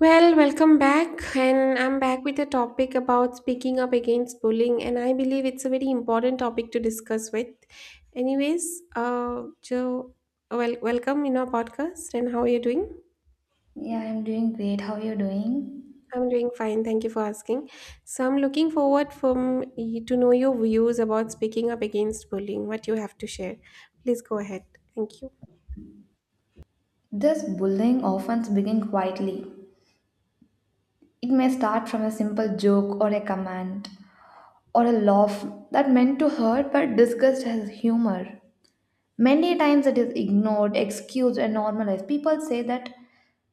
Well, welcome back, and I'm back with a topic about speaking up against bullying, and I believe it's a very important topic to discuss with. Anyways, Joe, well, welcome in our podcast, and how are you doing? Yeah, I'm doing great. How are you doing? I'm doing fine, thank you for asking. So I'm looking forward to know your views about speaking up against bullying. What you have to share, please go ahead. Thank you. This bullying often begins quietly. It may start from a simple joke or a command or a laugh that meant to hurt but disguised as humor. Many times it is ignored, excused, and normalized. People say that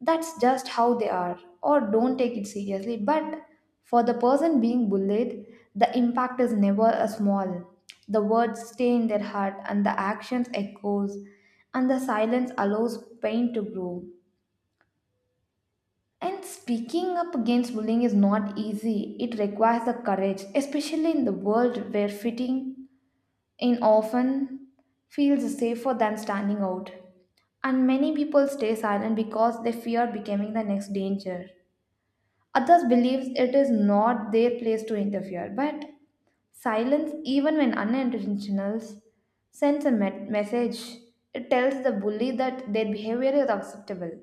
that's just how they are or don't take it seriously. But for the person being bullied, the impact is never a small. The words stay in their heart and the actions echoes and the silence allows pain to grow. And speaking up against bullying is not easy. It requires the courage, especially in the world where fitting in often feels safer than standing out. And many people stay silent because they fear becoming the next danger. Others believe it is not their place to interfere, but silence, even when unintentional, sends a message. It tells the bully that their behavior is acceptable.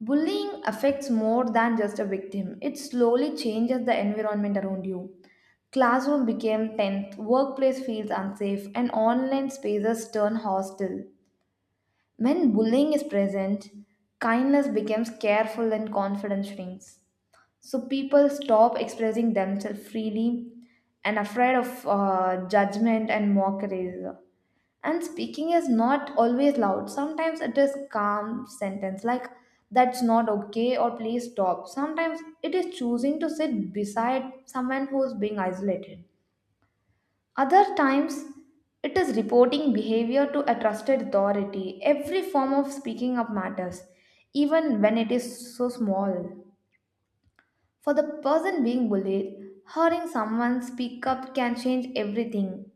Bullying affects more than just a victim, it slowly changes the environment around you. Classroom became tense, workplace feels unsafe, and online spaces turn hostile. When bullying is present, kindness becomes careful and confidence shrinks. So people stop expressing themselves freely and afraid of judgment and mockery. And speaking is not always loud. Sometimes it is calm sentence like that's not okay or please stop. Sometimes it is choosing to sit beside someone who is being isolated. Other times it is reporting behavior to a trusted authority. Every form of speaking up matters, even when it is so small. For the person being bullied, hearing someone speak up can change everything.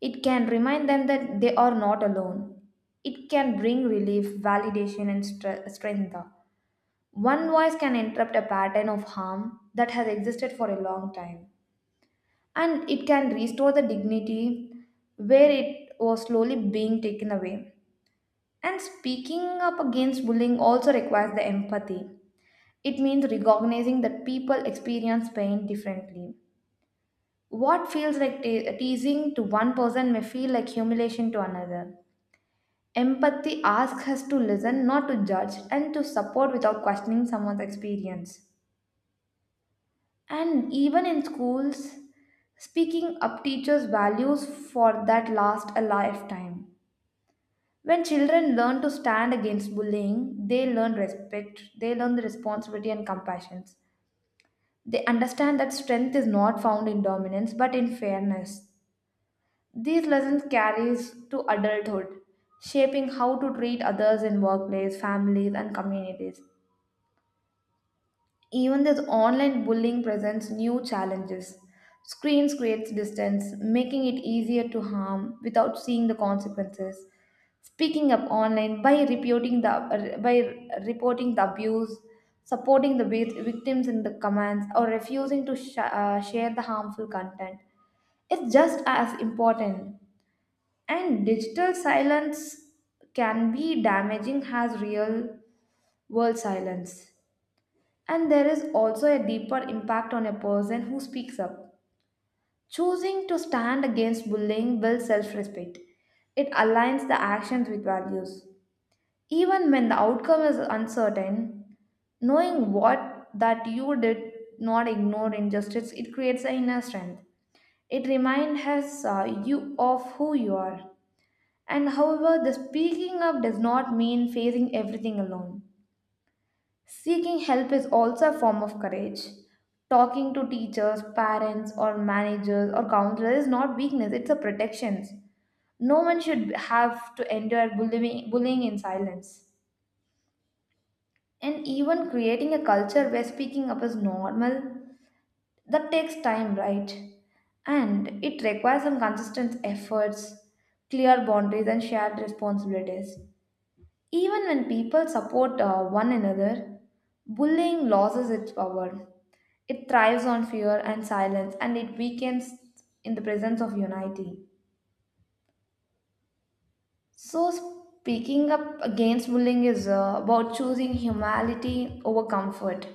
It can remind them that they are not alone. It can bring relief, validation, and strength. One voice can interrupt a pattern of harm that has existed for a long time. And it can restore the dignity where it was slowly being taken away. And speaking up against bullying also requires the empathy. It means recognizing that people experience pain differently. What feels like teasing to one person may feel like humiliation to another. Empathy asks us to listen, not to judge, and to support without questioning someone's experience. And even in schools, speaking up teaches values for that last a lifetime. When children learn to stand against bullying, they learn respect, they learn the responsibility and compassion. They understand that strength is not found in dominance but in fairness. These lessons carries to adulthood, shaping how to treat others in workplace, families and communities. Even this online bullying presents new challenges. Screens creates distance, making it easier to harm without seeing the consequences. Speaking up online by reporting the abuse, supporting the victims in the comments, or refusing to share the harmful content is just as important. And digital silence can be damaging as real world silence. And there is also a deeper impact on a person who speaks up. Choosing to stand against bullying builds self respect. It aligns the actions with values. Even when the outcome is uncertain, knowing what that you did not ignore injustice, it creates an inner strength. It reminds you of who you are. And however, the speaking up does not mean facing everything alone. Seeking help is also a form of courage. Talking to teachers, parents, or managers or counselors is not weakness, it's a protection. No one should have to endure bullying in silence. And even creating a culture where speaking up is normal, that takes time, right? And it requires some consistent efforts, clear boundaries, and shared responsibilities. Even when people support one another, bullying loses its power. It thrives on fear and silence, and it weakens in the presence of unity. So, speaking up against bullying is about choosing humanity over comfort.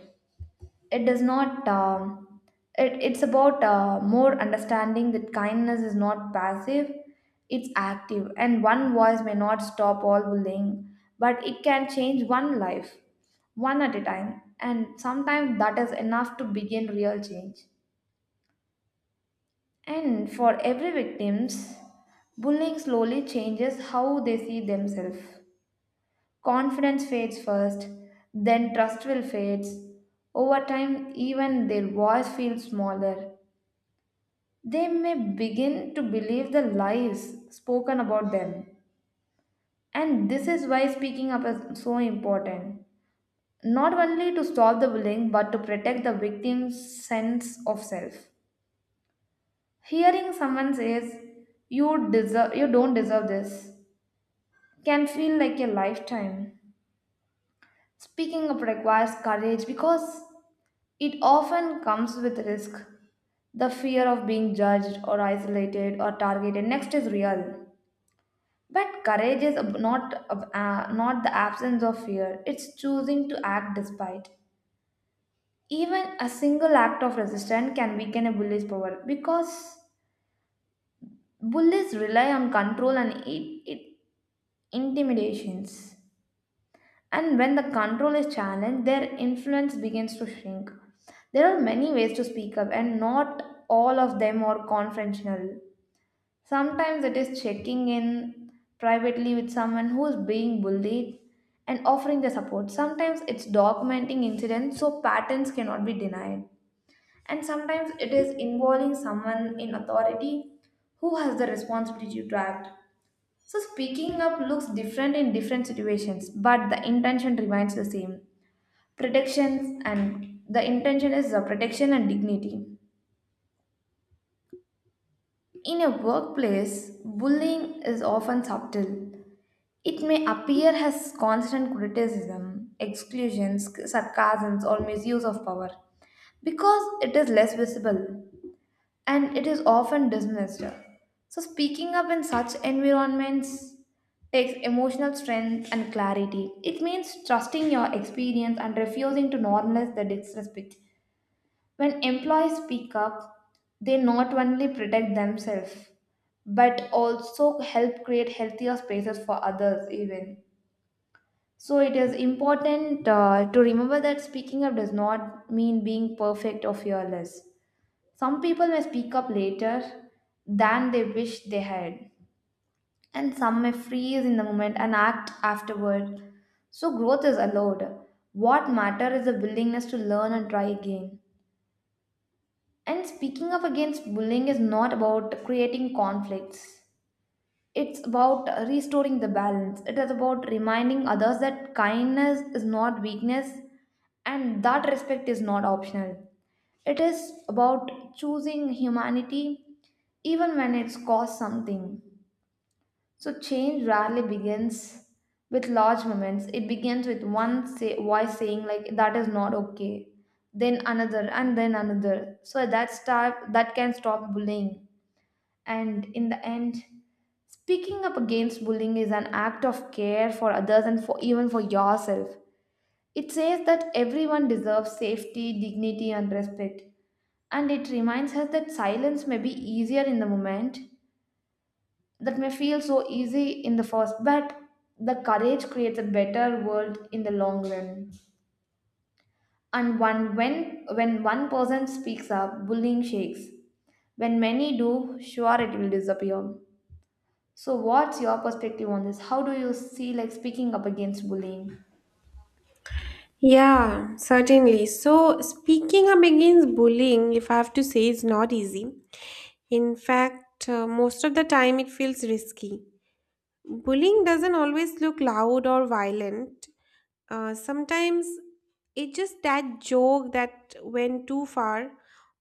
It does not. It, it's about more understanding that kindness is not passive; it's active, and one voice may not stop all bullying, but it can change one life, one at a time, and sometimes that is enough to begin real change. And for every victims, bullying slowly changes how they see themselves. Confidence fades first, then trust will fade. Over time, even their voice feels smaller. They may begin to believe the lies spoken about them. And this is why speaking up is so important. Not only to stop the bullying, but to protect the victim's sense of self. Hearing someone says, you don't deserve this can feel like a lifetime. Speaking up requires courage because it often comes with risk. The fear of being judged or isolated or targeted next is real. But courage is not the absence of fear, it's choosing to act despite. Even a single act of resistance can weaken a bully's power because bullies rely on control and intimidations. And when the control is challenged, their influence begins to shrink. There are many ways to speak up, and not all of them are confrontational. Sometimes it is checking in privately with someone who is being bullied and offering the support. Sometimes it's documenting incidents so patterns cannot be denied. And sometimes it is involving someone in authority who has the responsibility to act. So, speaking up looks different in different situations, but the intention remains the same protections and the intention is the protection and dignity. In a workplace, bullying is often subtle. It may appear as constant criticism, exclusions, sarcasms, or misuse of power because it is less visible and it is often dismissed. So, speaking up in such environments takes emotional strength and clarity. It means trusting your experience and refusing to normalize the disrespect. When employees speak up, they not only protect themselves but also help create healthier spaces for others even. So it is important to remember that speaking up does not mean being perfect or fearless. Some people may speak up later than they wish they had, and some may freeze in the moment and act afterward. So growth is allowed. What matters is the willingness to learn and try again. And speaking of against bullying is not about creating conflicts. It's about restoring the balance. It is about reminding others that kindness is not weakness and that respect is not optional. It is about choosing humanity even when it's cost something. So change rarely begins with large moments. It begins with voice saying like that is not okay, then another, and then another. So that can stop bullying. And in the end, speaking up against bullying is an act of care for others and for even for yourself. It says that everyone deserves safety, dignity, and respect and it reminds us that silence may be easier in the moment that may feel so easy in the first, but the courage creates a better world in the long run. And when one person speaks up, bullying shakes. When many do, sure it will disappear. So, what's your perspective on this? How do you see like speaking up against bullying? Yeah, certainly. So, speaking up against bullying, if I have to say, is not easy. In fact, most of the time it feels risky. Bullying doesn't always look loud or violent. Sometimes it's just that joke that went too far,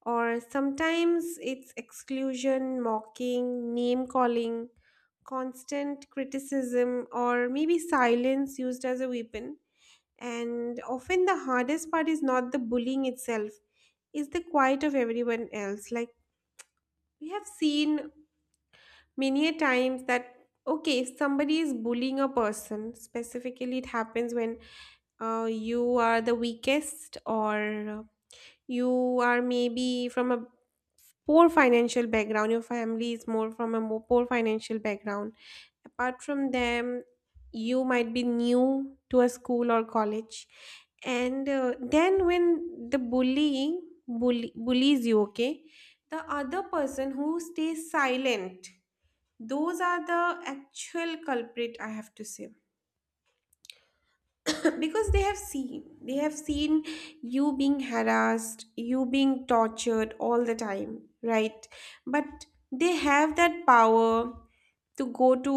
or sometimes it's exclusion, mocking, name calling, constant criticism, or maybe silence used as a weapon. And often the hardest part is not the bullying itself, it's the quiet of everyone else. Like we have seen many a times that okay, if somebody is bullying a person specifically, it happens when you are the weakest, or you are maybe from a poor financial background, your family is more from a more poor financial background. Apart from them, you might be new to a school or college, and then when bullies you, okay, the other person who stays silent, those are the actual culprit, I have to say, because they have seen you being harassed, you being tortured all the time, right? But they have that power to go to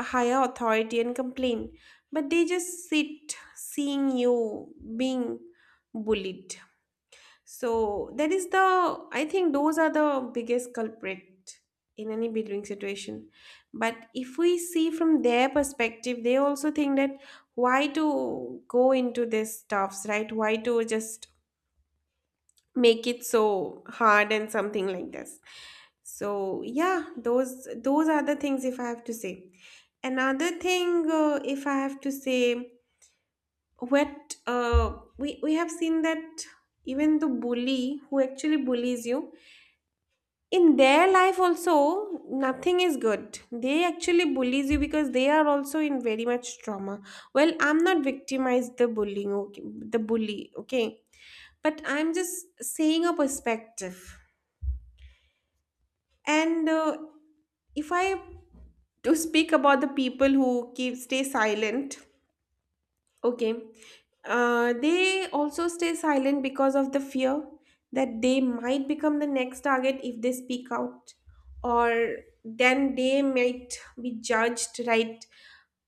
a higher authority and complain, but they just sit seeing you being bullied. So that is the, I think those are the biggest culprit in any bullying situation. But if we see from their perspective, they also think that why to go into this stuffs, right? Why to just make it so hard and something like this. So yeah, those are the things if I have to say. Another thing, if I have to say, what we have seen, that even the bully who actually bullies you, in their life also nothing is good. They actually bullies you because they are also in very much trauma. Well, I'm not victimized the bullying, okay, the bully, okay, but I'm just saying a perspective. And if I to speak about the people who keep stay silent. Okay. They also stay silent because of the fear that they might become the next target if they speak out, or then they might be judged, right?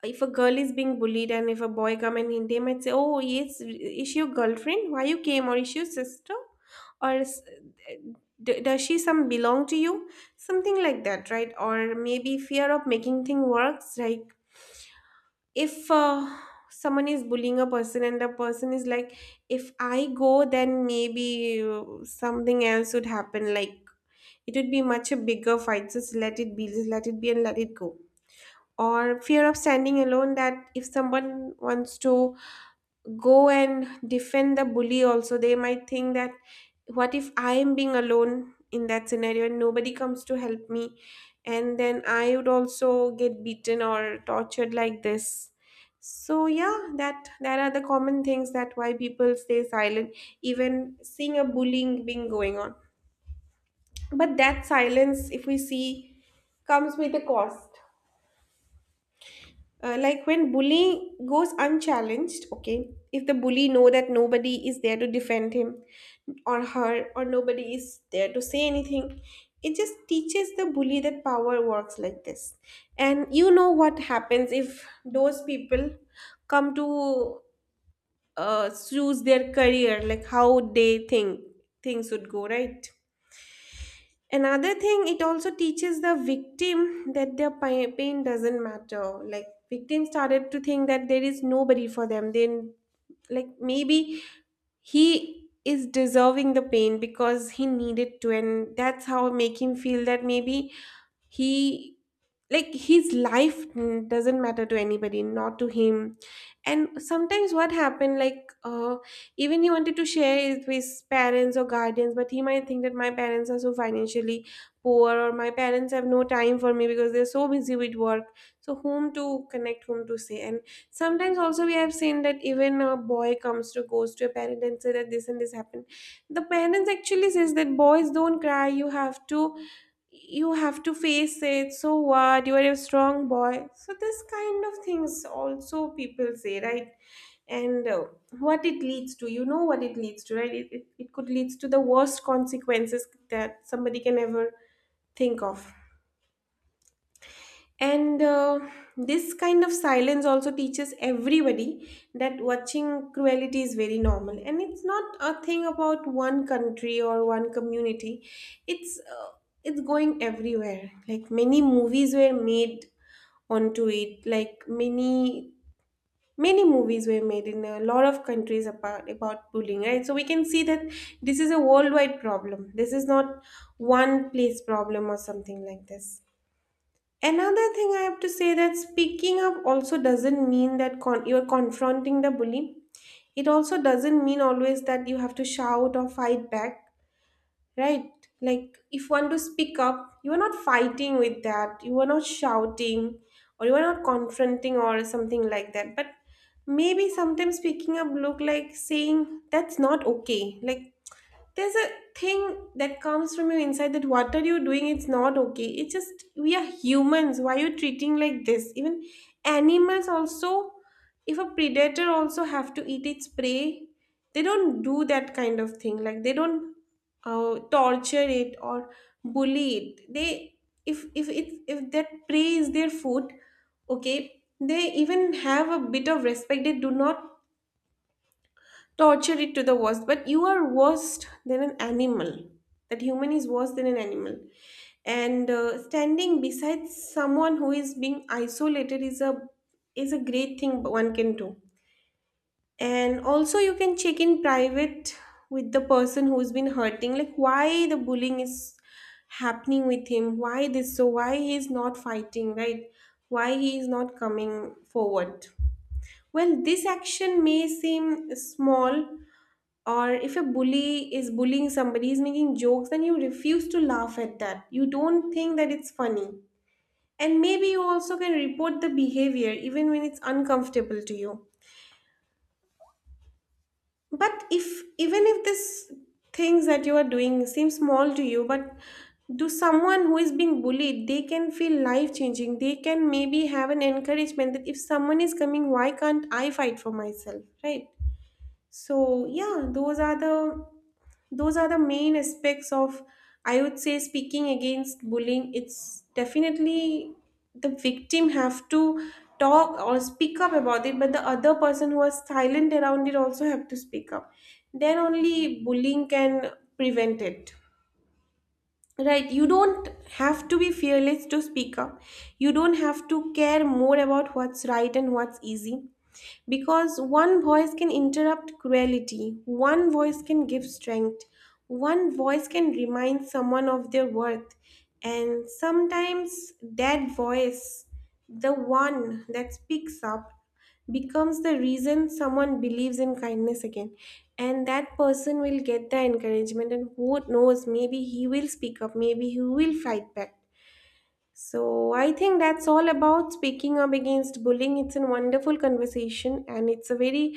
If a girl is being bullied and if a boy come and they might say, "Oh, yes, is she your girlfriend? Why you came? Or is she your sister? Or is, does she some belong to you?" Something like that, right? Or maybe fear of making things worse, right? If someone is bullying a person and the person is like, if I go then maybe something else would happen, like it would be much a bigger fight, just let it be and let it go. Or fear of standing alone, that if someone wants to go and defend the bully also, they might think that what if I am being alone in that scenario and nobody comes to help me, and then I would also get beaten or tortured like this. So yeah, that are the common things that why people stay silent even seeing a bullying being going on. But that silence, if we see, comes with a cost. Like when bullying goes unchallenged, okay, if the bully know that nobody is there to defend him or her, or nobody is there to say anything, it just teaches the bully that power works like this. And you know what happens if those people come to choose their career, like how they think things would go, right? Another thing, it also teaches the victim that their pain doesn't matter. Like victims started to think that there is nobody for them. Then, like maybe he is deserving the pain because he needed to, and that's how make him feel that maybe he, like his life, doesn't matter to anybody, not to him. And sometimes what happened, like even he wanted to share it with parents or guardians, but he might think that my parents are so financially poor, or my parents have no time for me because they're so busy with work. So whom to connect, whom to say? And sometimes also we have seen that even a boy comes to goes to a parent and say that this and this happened, the parents actually says that boys don't cry, you have to, you have to face it, so what, you're a strong boy, so this kind of things also people say, right? And what it leads to, you know what it leads to, right? It could lead to the worst consequences that somebody can ever think of. And this kind of silence also teaches everybody that watching cruelty is very normal. And it's not a thing about one country or one community. It's uh, it's going everywhere. Like many movies were made onto it. Like many movies were made in a lot of countries about bullying, right? So we can see that this is a worldwide problem. This is not one place problem or something like this. Another thing I have to say, that speaking up also doesn't mean that you're confronting the bully. It also doesn't mean always that you have to shout or fight back, right? Like if one to speak up, you are not fighting with that. You are not shouting or you are not confronting or something like that. But maybe sometimes speaking up look like saying that's not okay. Like there's a thing that comes from your inside, that what are you doing, it's not okay, it's just we are humans, why are you treating like this? Even animals also, if a predator also have to eat its prey, they don't do that kind of thing. Like they don't torture it or bully it. They, if that prey is their food, okay, they even have a bit of respect, they do not torture it to the worst. But you are worse than an animal, that human is worse than an animal. And standing beside someone who is being isolated is a, is a great thing one can do. And also you can check in private with the person who's been hurting, like why the bullying is happening with him, why this so, why he is not fighting, right? Why he is not coming forward? Well, this action may seem small. Or if a bully is bullying somebody, is making jokes, then you refuse to laugh at that, you don't think that it's funny. And maybe you also can report the behavior even when it's uncomfortable to you. But if even if this things that you are doing seem small to you, but to someone who is being bullied, they can feel life changing. They can maybe have an encouragement that if someone is coming, why can't I fight for myself, right? So yeah, those are the main aspects of, I would say, speaking against bullying. It's definitely the victim have to talk or speak up about it, but the other person who was silent around it also have to speak up, then only bullying can prevent it, right? You don't have to be fearless to speak up. You don't have to care more about what's right and what's easy, because one voice can interrupt cruelty, one voice can give strength, one voice can remind someone of their worth. And sometimes that voice, the one that speaks up, becomes the reason someone believes in kindness again, and that person will get the encouragement, and who knows, maybe he will speak up, maybe he will fight back. So I think that's all about speaking up against bullying. It's a wonderful conversation, and it's a very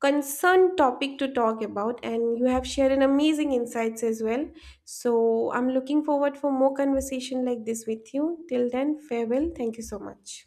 concerned topic to talk about, and you have shared an amazing insights as well. So I'm looking forward for more conversation like this with you. Till then, farewell. Thank you so much.